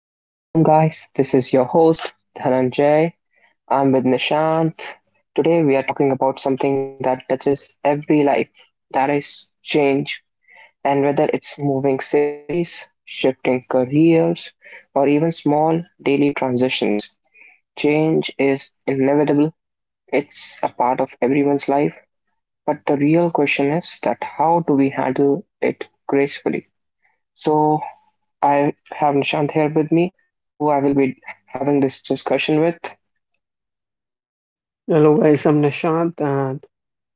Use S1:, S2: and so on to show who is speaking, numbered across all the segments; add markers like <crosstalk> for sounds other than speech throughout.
S1: welcome, guys. This is your host, Dhananjay. I'm with Nishant. Today, we are talking about something that touches every life that is, change. And whether it's moving cities, shifting careers, or even small daily transitions, change is inevitable. It's a part of everyone's life. But the real question is that how do we handle it gracefully? So, I have Nishant here with me, who I will be having this discussion with.
S2: Hello guys, I'm Nishant and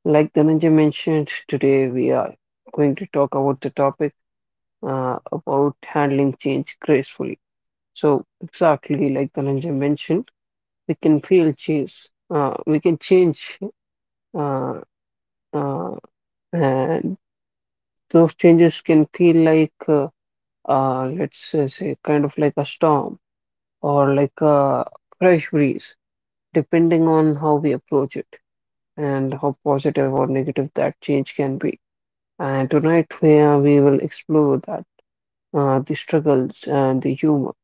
S2: like Dhananjay mentioned, today we are going to talk about the topic about handling change gracefully. So exactly like Dhananjay mentioned, we can feel change, we can change uh, uh, and those changes can feel like let's say kind of like a storm or like a fresh breeze, depending on how we approach it and how positive or negative that change can be. And tonight we will explore that the struggles and the humor,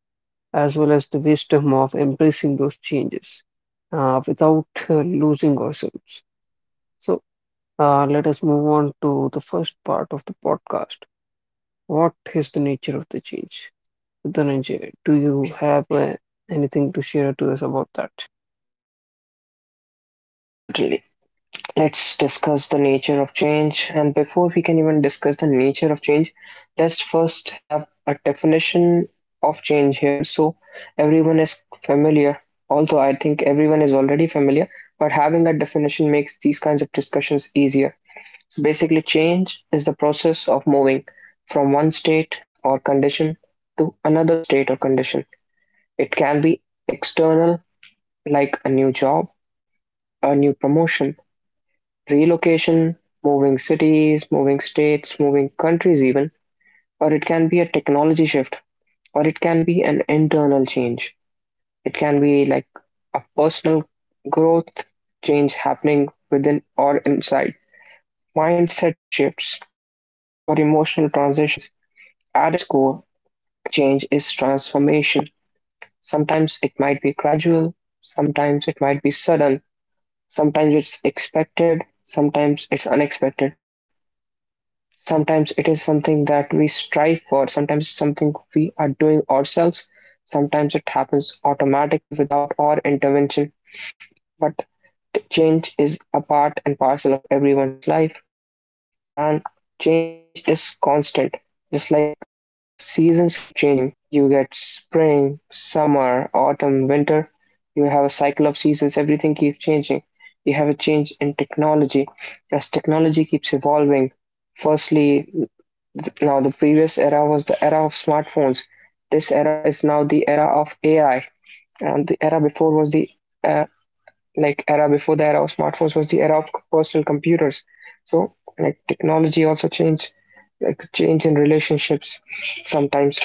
S2: as well as the wisdom of embracing those changes without losing ourselves. So let us move on to the first part of the podcast. What is the nature of the change? Dhananjay, do you have anything to share to us about that?
S1: Certainly. Let's discuss the nature of change. And before we can even discuss the nature of change, let's first have a definition of change here so everyone is familiar. Although I think everyone is already familiar, but having a definition makes these kinds of discussions easier. So basically, change is the process of moving from one state or condition to another state or condition. It can be external, like a new job, a new promotion, relocation, moving cities, moving states, moving countries, even, or it can be a technology shift, or it can be an internal change. It can be like a personal growth change happening within or inside. Mindset shifts or emotional transitions. At its core, change is transformation. Sometimes it might be gradual, sometimes it might be sudden, sometimes it's expected, sometimes it's unexpected. Sometimes it is something that we strive for, sometimes it's something we are doing ourselves, sometimes it happens automatically without our intervention. But change is a part and parcel of everyone's life, and change is constant, just like seasons keep changing. You get spring, summer, autumn, winter. You have a cycle of seasons. Everything keeps changing. You have a change in technology as technology keeps evolving. Firstly, now the previous era was the era of smartphones. This era is now the era of AI, and the era before was the uh, like era before the era of smartphones was the era of personal computers. So like technology also changed, like change in relationships, sometimes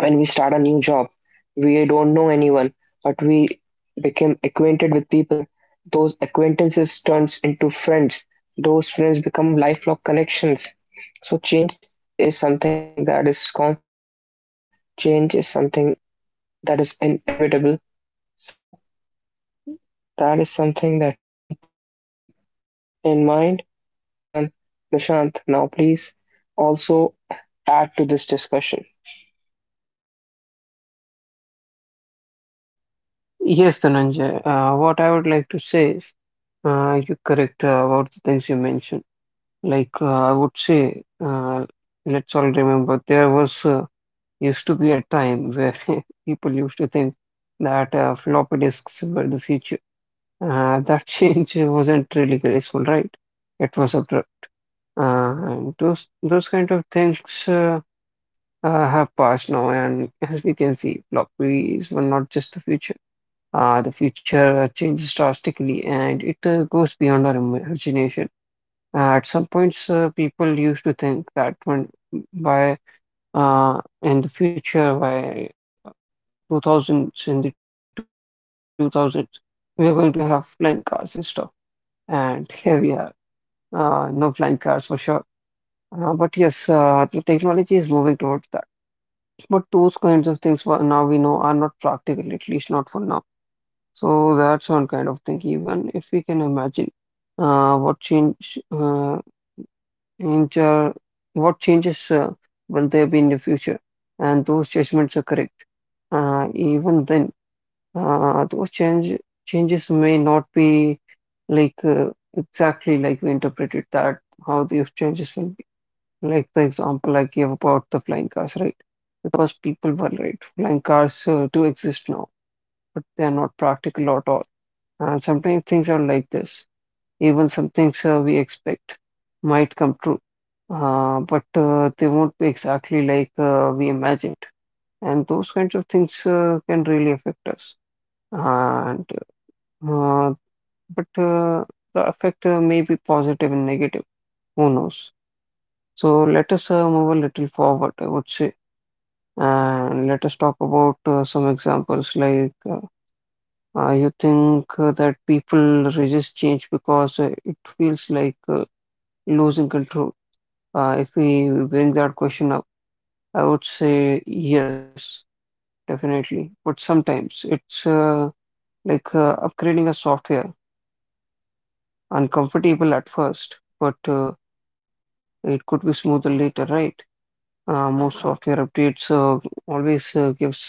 S1: when we start a new job, we don't know anyone, but we become acquainted with people. Those acquaintances turns into friends. Those friends become lifelong connections. So change is something that is constant. Change is something that is inevitable. So that is something that we need to keep in mind. And Nishant, now please also add to this discussion.
S2: Yes, Dhananjay. What I would like to say is you're correct about the things you mentioned. I would say, let's all remember there was used to be a time where <laughs> people used to think that floppy disks were the future. That <laughs> change wasn't really graceful, right? It was abrupt. And those kind of things uh, have passed now, and as we can see, floppies were not just the future. The future changes drastically, and it goes beyond our imagination. At some points, people used to think that when by in the future, by 2000s, in the 2000s, we are going to have flying cars and stuff. And here we are, no flying cars for sure. But yes, the technology is moving towards that. But those kinds of things for now we know are not practical, at least not for now. So that's one kind of thing. Even if we can imagine uh, what change uh, change uh, what changes will there be in the future and those judgments are correct, even then those changes may not be like uh, exactly like we interpreted that how these changes will be, like the example I gave about the flying cars, right? Because people were right, flying cars do exist now, but they are not practical at all. And sometimes things are like this. Even some things we expect might come true, but they won't be exactly like we imagined. And those kinds of things can really affect us. And uh, but the effect may be positive and negative. Who knows? So let us move a little forward, I would say, and let us talk about some examples like you think that people resist change because it feels like losing control. If we bring that question up, I would say yes, definitely. But sometimes it's upgrading a software, uncomfortable at first, but it could be smoother later, right? Most software updates always gives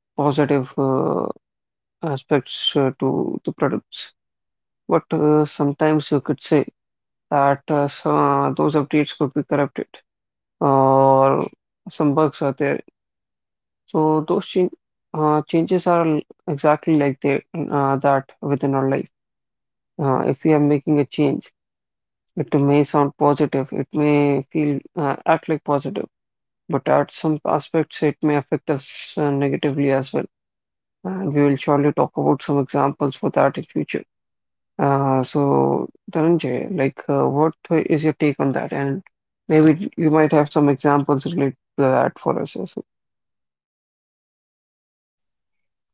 S2: positive aspects to the products. But sometimes you could say that those updates could be corrupted or some bugs are there. So those change, changes are l- Exactly like that within our life. If we are making a change, it may sound positive, it may feel act like positive, but at some aspects it may affect us negatively as well. And we will surely talk about some examples for that in future. So Dhananjay, like, what is your take on that? And maybe you might have some examples related to that for us as well.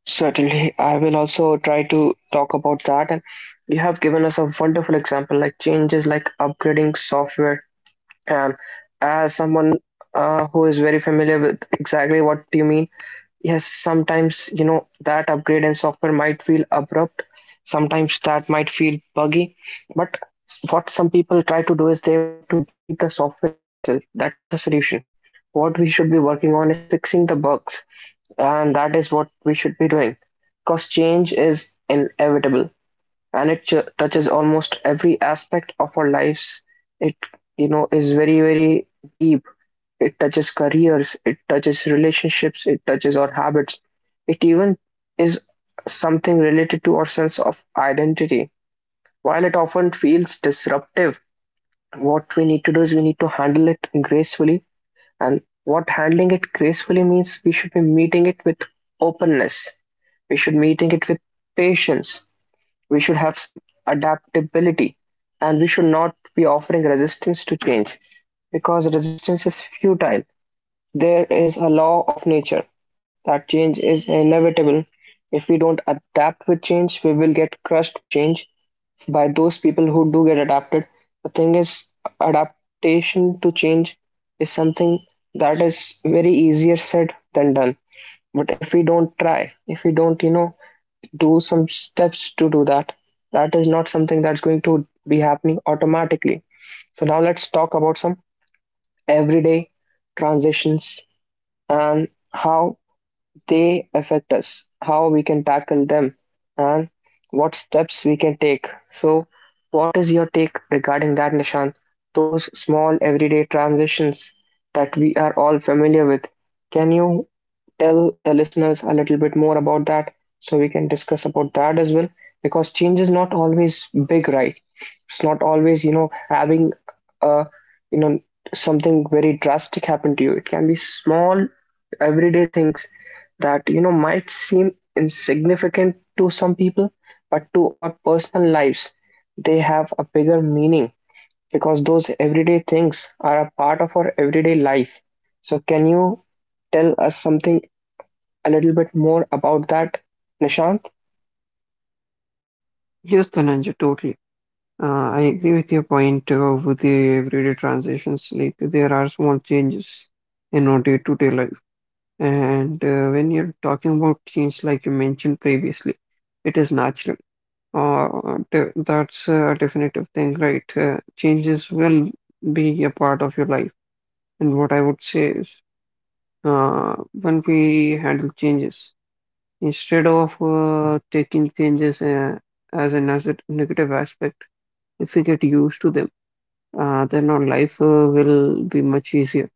S1: Certainly, I will also try to talk about that. And you have given us a wonderful example, like changes like upgrading software. And as someone who is very familiar with exactly what you mean, yes, sometimes you know that upgrade in software might feel abrupt. Sometimes that might feel buggy. But what some people try to do is they want to delete the software itself. That's not the solution. What we should be working on is fixing the bugs, and that is what we should be doing, because change is inevitable and it touches almost every aspect of our lives. It, you know, is very, very deep. It touches careers, it touches relationships, it touches our habits. It even is something related to our sense of identity. While it often feels disruptive, what we need to do is we need to handle it gracefully, and what handling it gracefully means, we should be meeting it with openness, we should meeting it with patience, we should have some adaptability, and we should not be offering resistance to change, because resistance is futile. There is a law of nature that change is inevitable. If we don't adapt with change, we will get crushed by change, by those people who do get adapted. The thing is, adaptation to change is something that is very easier said than done. But if we don't try, if we don't, you know, do some steps to do that, that is not something that's going to be happening automatically. So now let's talk about some everyday transitions and how they affect us, how we can tackle them, and what steps we can take. So, what is your take regarding that, Nishant? Those small everyday transitions that we are all familiar with. Can you tell the listeners a little bit more about that so we can discuss about that as well? Because change is not always big, right? It's not always, you know, having a, you know, something very drastic happen to you. It can be small everyday things that you know might seem insignificant to some people, but to our personal lives, they have a bigger meaning because those everyday things are a part of our everyday life. So, can you tell us something a little bit more about that, Nishant?
S2: Yes, Dhananjay, totally. I agree with your point with the everyday transitions. Like there are small changes in our day-to-day life, and when you're talking about change, like you mentioned previously, it is natural. Uh, that's a definitive thing, right? Changes will be a part of your life, and what I would say is, when we handle changes, instead of taking changes as a negative aspect, if we get used to them, then our life will be much easier.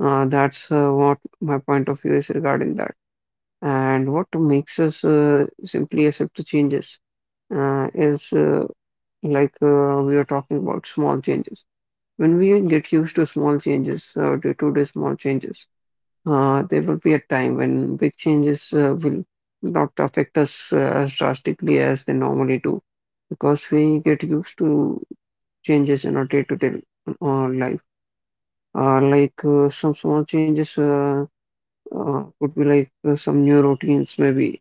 S2: That's what my point of view is regarding that. And what makes us simply accept the changes is like we are talking about small changes. When we get used to small changes, day-to-day small changes, there will be a time when big changes will not affect us as drastically as they normally do, because we get used to changes in our day-to-day life. Some small changes could be some new routines, maybe,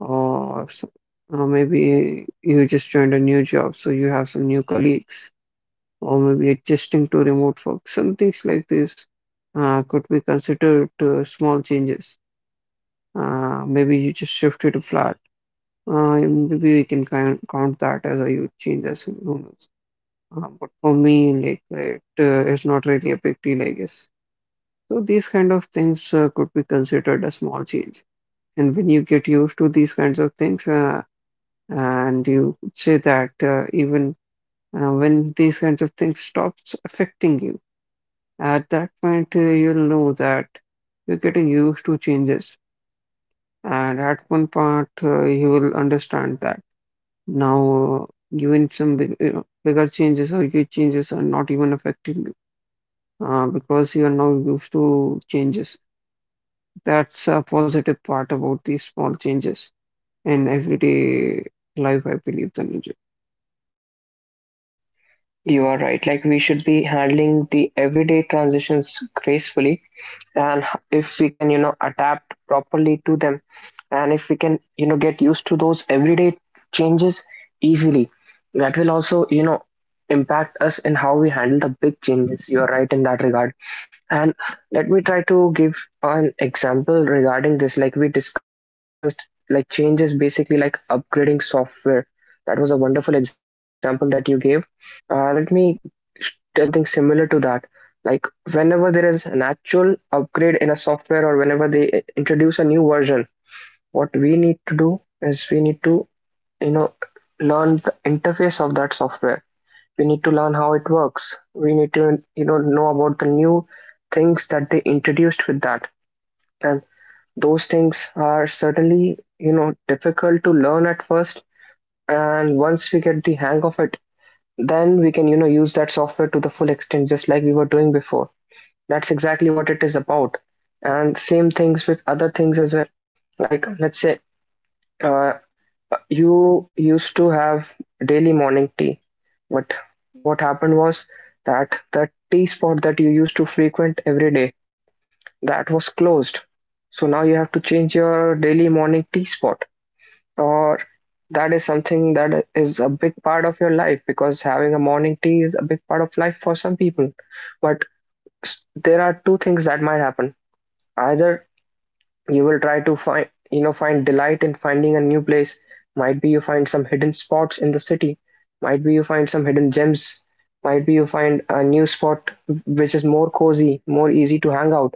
S2: or maybe you just joined a new job, so you have some new colleagues, or maybe adjusting to remote work. Some things like this could be considered small changes. Maybe you just shifted a flat. Maybe we can count that as a huge change as humans. But for me, like it is not really a big deal, I guess. So these kind of things could be considered a small change. And when you get used to these kinds of things, and you could say that even when these kinds of things stops affecting you, at that point you'll know that you're getting used to changes. And at one part you will understand that now even some big, you know, bigger changes or huge changes are not even affecting you, because you are now used to changes. That's a positive part about these small changes in everyday life, I believe, Dhananjay.
S1: You are right. Like, we should be handling the everyday transitions gracefully, and if we can you know adapt properly to them, and if we can you know get used to those everyday changes easily, that will also you know impact us in how we handle the big changes. You're right in that regard. And let me try to give an example regarding this. Like we discussed, like changes basically like upgrading software, that was a wonderful example that you gave. Let me tell you something similar to that. Like whenever there is an actual upgrade in a software or whenever they introduce a new version, what we need to do is we need to, you know, learn the interface of that software. We need to learn how it works. We need to, you know about the new things that they introduced with that. And those things are certainly, you know, difficult to learn at first. And once we get the hang of it, then we can you know use that software to the full extent, just like we were doing before. That's exactly what it is about. And same things with other things as well. Like let's say, uh, you used to have daily morning tea, but what happened was that the tea spot that you used to frequent every day, that was closed. So now you have to change your daily morning tea spot, or that is something that is a big part of your life, because having a morning tea is a big part of life for some people. But there are two things that might happen. Either you will try to find, you know, find delight in finding a new place, might be you find some hidden spots in the city, might be you find some hidden gems, might be you find a new spot which is more cozy, more easy to hang out.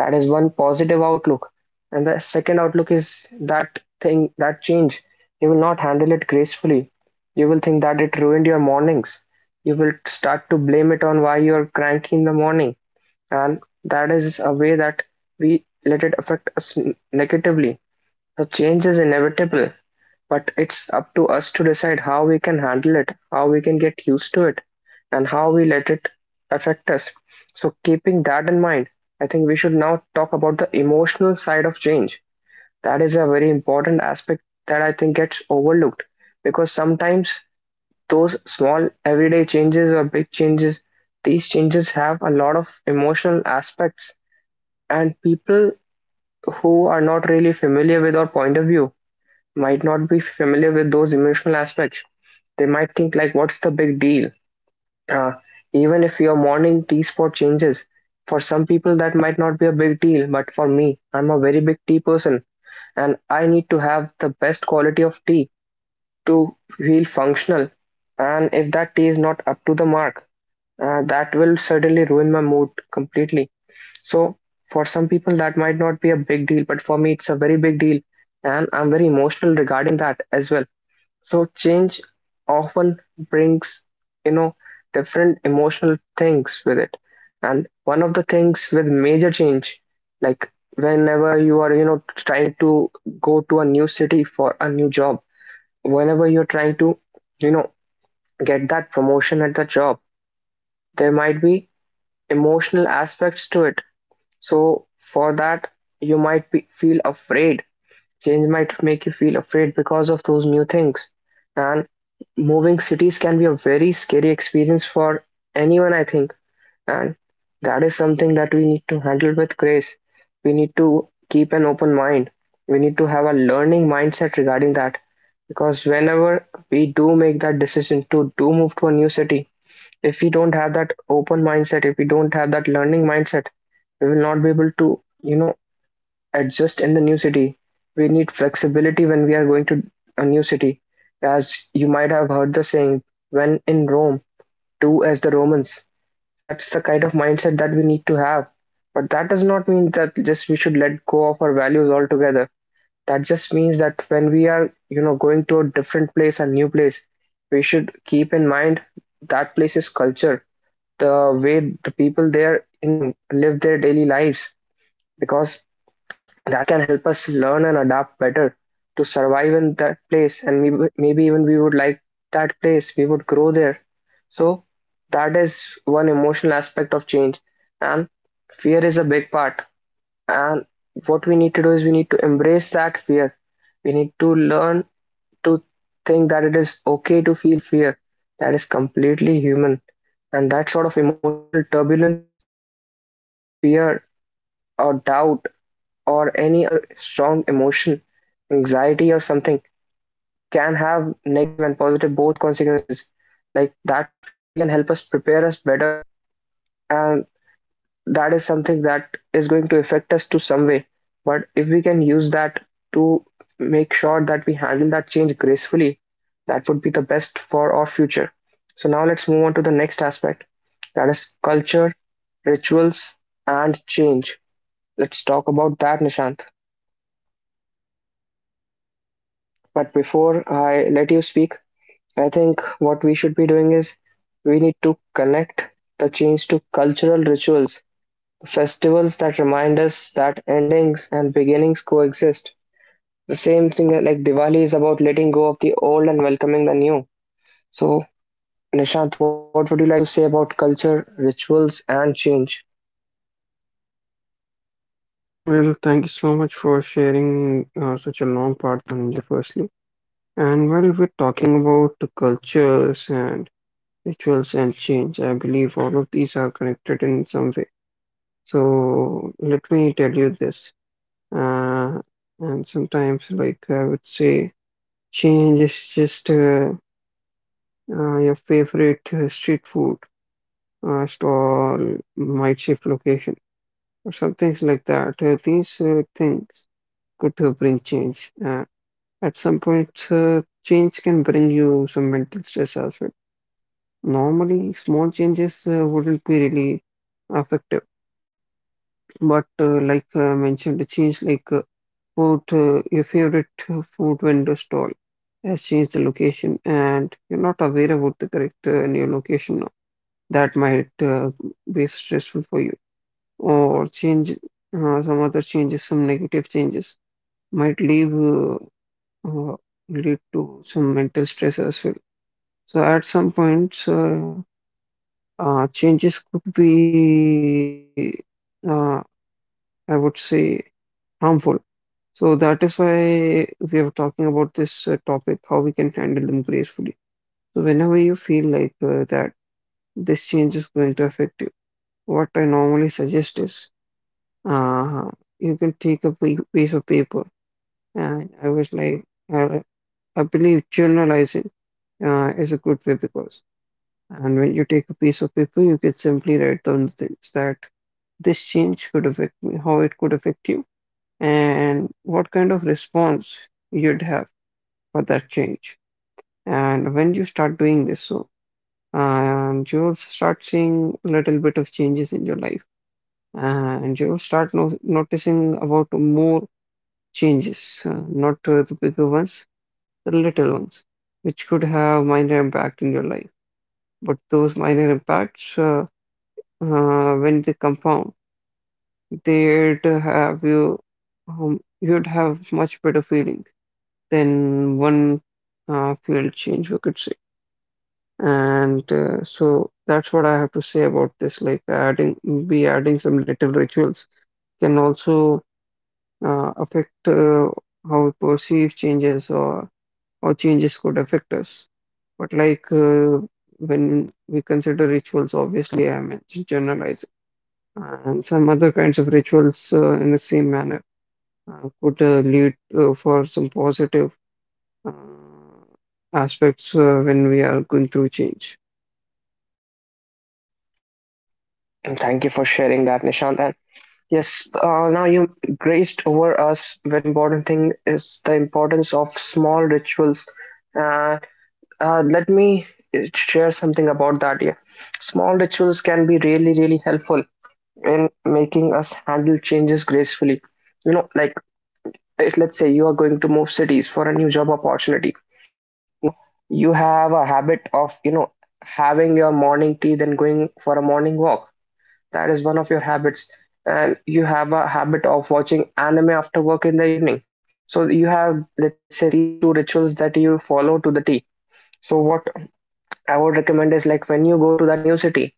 S1: That is one positive outlook. And the second outlook is that thing, that change, you will not handle it gracefully. You will think that it ruined your mornings. You will start to blame it on why you are cranky in the morning. And that is a way that we let it affect us negatively. The change is inevitable. But it's up to us to decide how we can handle it, how we can get used to it, and how we let it affect us. So, keeping that in mind, I think we should now talk about the emotional side of change. That is a very important aspect that I think gets overlooked, because sometimes those small everyday changes or big changes, these changes have a lot of emotional aspects, and people who are not really familiar with our point of view might not be familiar with those emotional aspects. They might think, like, what's the big deal? Uh, Even if your morning tea spot changes, for some people that might not be a big deal, but for me, I'm a very big tea person and I need to have the best quality of tea to feel functional. And if that tea is not up to the mark, that will certainly ruin my mood completely. So for some people that might not be a big deal, but for me it's a very big deal, and I'm very emotional regarding that as well. So change often brings, you know, different emotional things with it. And one of the things with major change, like whenever you are, you know, trying to go to a new city for a new job, whenever you're trying to, you know, get that promotion at the job, there might be emotional aspects to it. So for that, you might be, feel afraid. Change might make you feel afraid because of those new things. And moving cities can be a very scary experience for anyone, I think. And that is something that we need to handle with grace. We need to keep an open mind. We need to have a learning mindset regarding that. Because whenever we do make that decision to do move to a new city, if we don't have that open mindset, if we don't have that learning mindset, we will not be able to, you know, adjust in the new city. We need flexibility when we are going to a new city. As you might have heard the saying, when in Rome, do as the Romans. That's the kind of mindset that we need to have. But that does not mean that just we should let go of our values altogether. That just means that when we are, going to a different place, a new place, we should keep in mind that place's culture, the way the people there, live their daily lives. Because that can help us learn and adapt better to survive in that place, and maybe, maybe even we would like that place, we would grow there. So that is one emotional aspect of change. And fear is a big part, and what we need to do is we need to embrace that fear. We need to learn to think that it is okay to feel fear. That is completely human. And that sort of emotional turbulence, fear or doubt or any other strong emotion, anxiety or something, can have negative and positive both consequences. Like that fear can help us prepare us better, and that is something that is going to affect us to some way. But if we can use that to make sure that we handle that change gracefully, that would be the best for our future. So now let's move on to the next aspect, that is culture, rituals, and change. Let's talk about that, Nishant. But before I let you speak, I think what we should be doing is we need to connect the change to cultural rituals, festivals that remind us that endings and beginnings coexist. The same thing like Diwali is about letting go of the old and welcoming the new. So, Nishant, what would you like to say about culture, rituals, and change?
S2: Well, thank you so much for sharing such a long part, Dhananjay, firstly. And while we're talking about the cultures and rituals and change, I believe all of these are connected in some way. So let me tell you this. Uh, and sometimes, like I would say, change is just your favorite street food stall might shift location or some things like that. These things could bring change. At some point, change can bring you some mental stress as well. Normally, small changes wouldn't be really effective, but like mentioned, the change like food, your favorite food vendor stall has changed the location, and you're not aware about the correct new location now. That might be stressful for you. Or change some other changes, some negative changes might leave uh, lead to some mental stress as well. So at some points, changes could be, uh, I would say, harmful. So that is why we are talking about this topic, how we can handle them gracefully. So whenever you feel like that this change is going to affect you, what I normally suggest is uh, you can take a piece of paper. And I was like, uh, I believe journalizing is a good way because, and when you take a piece of paper, you can simply write down things that this change could affect me, how it could affect you, and what kind of response you'd have for that change. And when you start doing this, so and you'll start seeing little bit of changes in your life, and you'll start no noticing about more changes, not the bigger ones, the little ones, which could have minor impact in your life. But those minor impacts, when they compound, they'd have you, you'd have much better feeling than one field change, we could say. And so that's what I have to say about this. Like be adding some little rituals can also affect how we perceive changes or how changes could affect us. But when we consider rituals, obviously I mentioned generalizing and some other kinds of rituals in the same manner could lead for some positive uh, aspects when we are going through change.
S1: And thank you for sharing that, Nishant. And yes, now you graced over us. Very important thing is the importance of small rituals. Uh, Let me share something about that. Yeah, small rituals can be really, really helpful in making us handle changes gracefully. You know, like if, let's say, you are going to move cities for a new job opportunity. Now you have a habit of, having your morning tea, then going for a morning walk. That is one of your habits. And you have a habit of watching anime after work in the evening. So you have, let's say, these two rituals that you follow to the T. So what I would recommend is, like, when you go to that new city,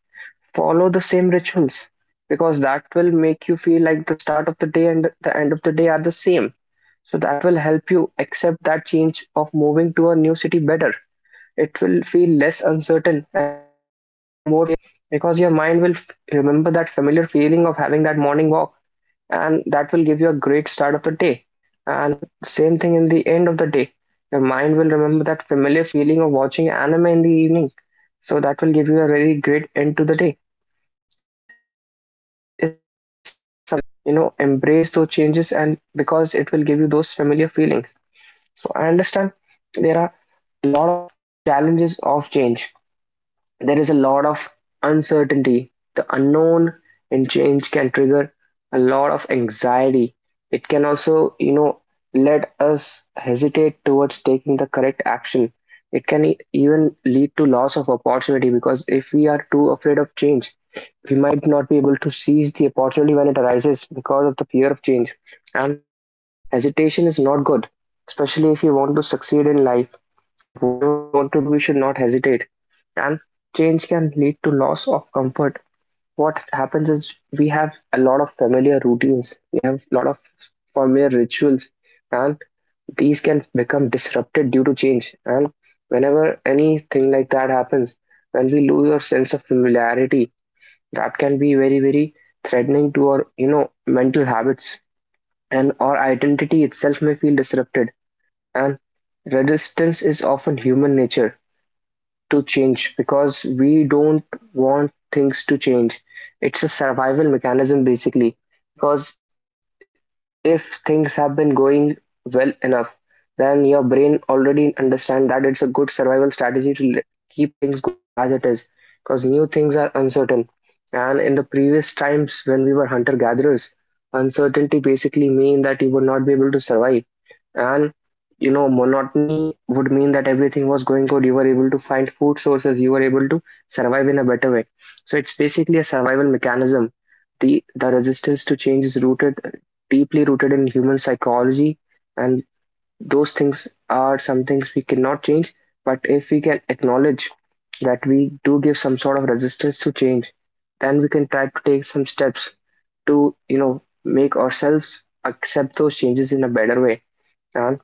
S1: follow the same rituals, because that will make you feel like the start of the day and the end of the day are the same. So that will help you accept that change of moving to a new city better. It will feel less uncertain and more familiar, because your mind will remember that familiar feeling of having that morning walk, and that will give you a great start of the day. And same thing in the end of the day, your mind will remember that familiar feeling of watching anime in the evening. So that will give you a very great end to the day. So that is something that can help you, you know embrace those changes, and because it will give you those familiar feelings. So I understand there are a lot of challenges of change. There is a lot of uncertainty. The unknown and change can trigger a lot of anxiety. It can also, let us hesitate towards taking the correct action. It can even lead to loss of opportunity, because if we are too afraid of change, we might not be able to seize the opportunity when it arises because of the fear of change. And hesitation is not good, especially if you want to succeed in life. Like, whatever we want to do, we should not hesitate. And change can lead to loss of comfort. What happens is we have a lot of familiar routines, we have a lot of familiar rituals, and these can become disrupted due to change. And whenever anything like that happens, when we lose our sense of familiarity, that can be very, very threatening to our, mental habits, and our identity itself may feel disrupted. And resistance is often human nature to change, because we don't want things to change. It's a survival mechanism, basically, because if things have been going well enough, then your brain already understand that it's a good survival strategy to keep things going as it is, because new things are uncertain. And in the previous times when we were hunter gatherers, uncertainty basically mean that you would not be able to survive, and, monotony would mean that everything was going good. You were able to find food sources, you were able to survive in a better way. So it's basically a survival mechanism. The resistance to change is rooted, deeply rooted in human psychology, and those things are some things we cannot change. But if we can acknowledge that we do give some sort of resistance to change, then we can try to take some steps to, make ourselves accept those changes in a better way. And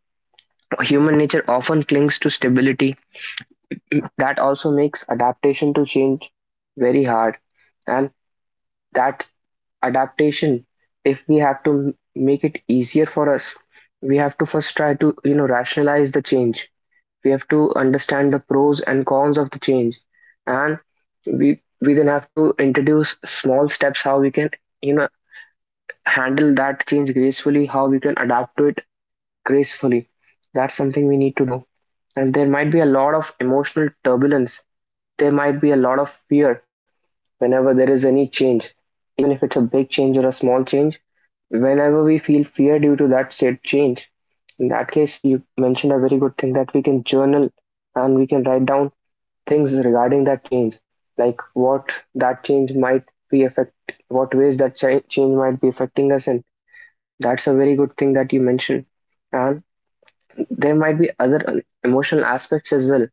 S1: human nature often clings to stability. That also makes adaptation to change very hard. And that adaptation, if we have to make it easier for us, we have to first try to, rationalize the change. We have to understand the pros and cons of the change. And we then have to introduce small steps how we can, you know, handle that change gracefully, how we can adapt to it gracefully. That's something we need to do. And there might be a lot of emotional turbulence. There might be a lot of fear whenever there is any change, even if it's a big change or a small change. Whenever we feel fear due to that said change, in that case, you mentioned a very good thing, that we can journal and we can write down things regarding that change, like what that change might be affect, what ways that change might be affecting us, and that's a very good thing that you mentioned. And there might be other emotional aspects as well.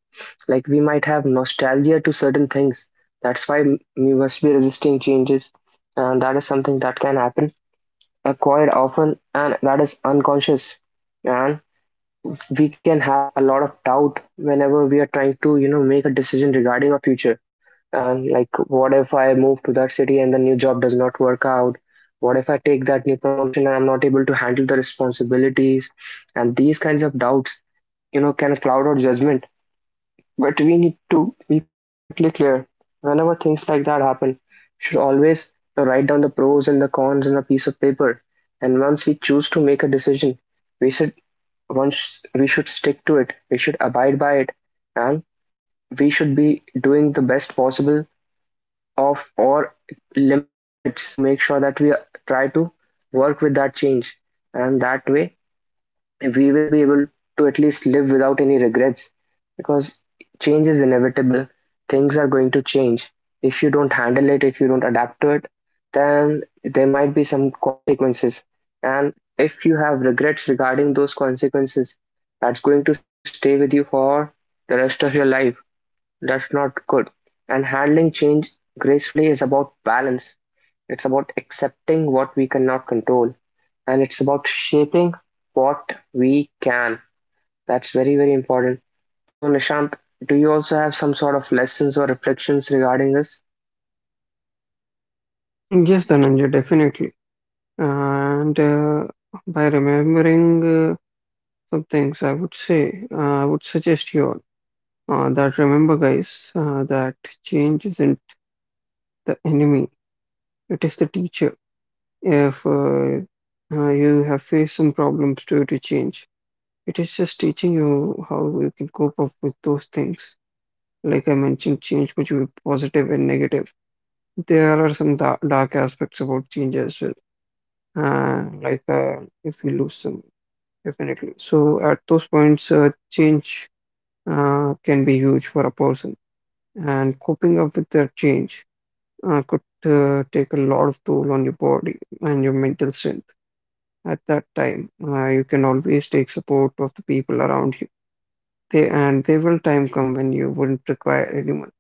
S1: Like we might have nostalgia to certain things. That's why we must be resisting changes, and that is something that can happen quite often, and that is unconscious. And we can have a lot of doubt whenever we are trying to, make a decision regarding our future. And like, what if I move to that city and the new job does not work out? What if I take that new promotion and I'm not able to handle the responsibilities? And these kinds of doubts, can cloud our judgment. But we need to be perfectly clear. Whenever things like that happen, we should always write down the pros and the cons on a piece of paper. And once we choose to make a decision, we should, once we should stick to it. We should abide by it, and we should be doing the best possible of our limits to make sure that we try to work with that change. And that way, we will be able to at least live without any regrets, because change is inevitable. Things are going to change. If you don't handle it, if you don't adapt to it, then there might be some consequences. And if you have regrets regarding those consequences, that's going to stay with you for the rest of your life. That's not good. And handling change gracefully is about balance. It's about accepting what we cannot control. And it's about shaping what we can. That's very, very important. So, Nishant, do you also have some sort of lessons or reflections regarding this?
S2: Mm, yes, Dhananjay, definitely. And by remembering some things, I would say, I would suggest you all that remember, guys, that change isn't the enemy, it is the teacher. If you have faced some problems due to change, it is just teaching you how you can cope up with those things. Like I mentioned, change could be positive and negative. There are some da dark aspects about change as well. Uh, like uh, if you lose some, definitely. So at those points, change can be huge for a person, and coping up with that change could take a lot of toll on your body and your mental strength at that time. You can always take support of the people around you. And there will time come when you wouldn't require anyone,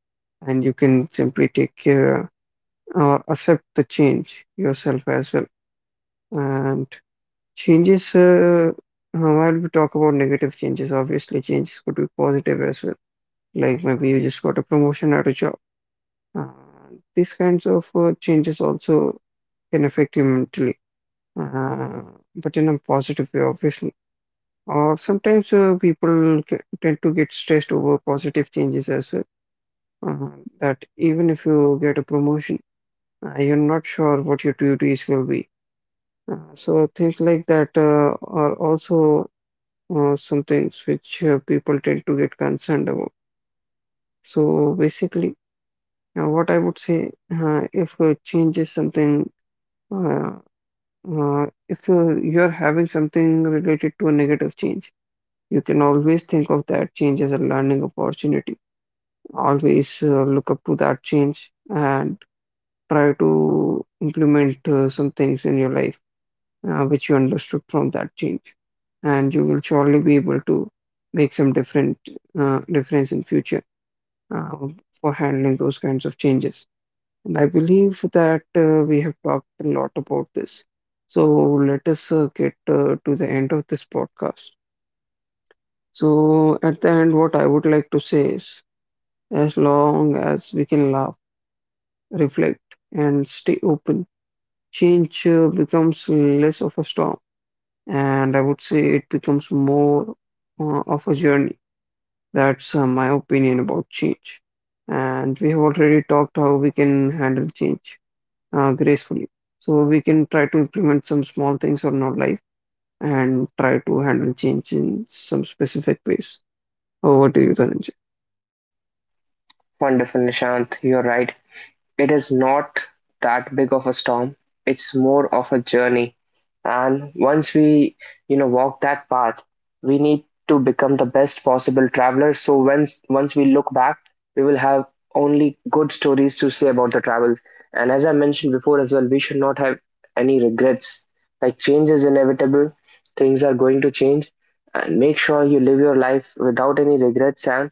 S2: and you can simply take care or accept the change yourself as well. And changes, while we talk about negative changes, obviously changes could be positive as well. Like maybe you just got a promotion at a job. Uh, these kinds of changes also can affect you mentally, uh, but in a positive way, obviously. Or sometimes people tend to get stressed over positive changes as well. That even if you get a promotion, you're not sure what your duties will be. So things like that are also some things which people tend to get concerned about. So basically, what I would say, if a change is something, uh, if you're having something related to a negative change, you can always think of that change as a learning opportunity. Always look up to that change and try to implement some things in your life which you understood from that change. And you will surely be able to make some different difference in future uh, for handling those kinds of changes. And I believe that we have talked a lot about this. So let us get to the end of this podcast. So at the end, what I would like to say is, as long as we can laugh, reflect, and stay open, change becomes less of a storm. And I would say it becomes more of a journey. That's my opinion about change. And we have already talked how we can handle change gracefully. So we can try to implement some small things on our life and try to handle change in some specific ways. Over to you, Dhananjay.
S1: Wonderful, Nishant. You're right. It is not that big of a storm. It's more of a journey. And once we, walk that path, we need to become the best possible traveler. So once we look back, we will have only good stories to say about the travels. And as I mentioned before as well, we should not have any regrets. Like, change is inevitable, things are going to change, and make sure you live your life without any regrets and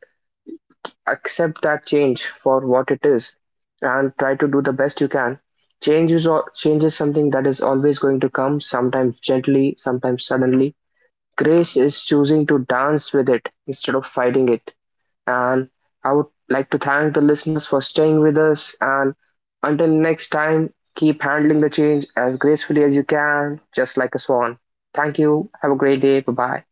S1: accept that change for what it is and try to do the best you can. Change is something that is always going to come, sometimes gently, sometimes suddenly. Grace is choosing to dance with it instead of fighting it. And I would like to thank the listeners for staying with us, and until next time, keep handling the change as gracefully as you can, just like a swan. Thank you, have a great day, bye bye.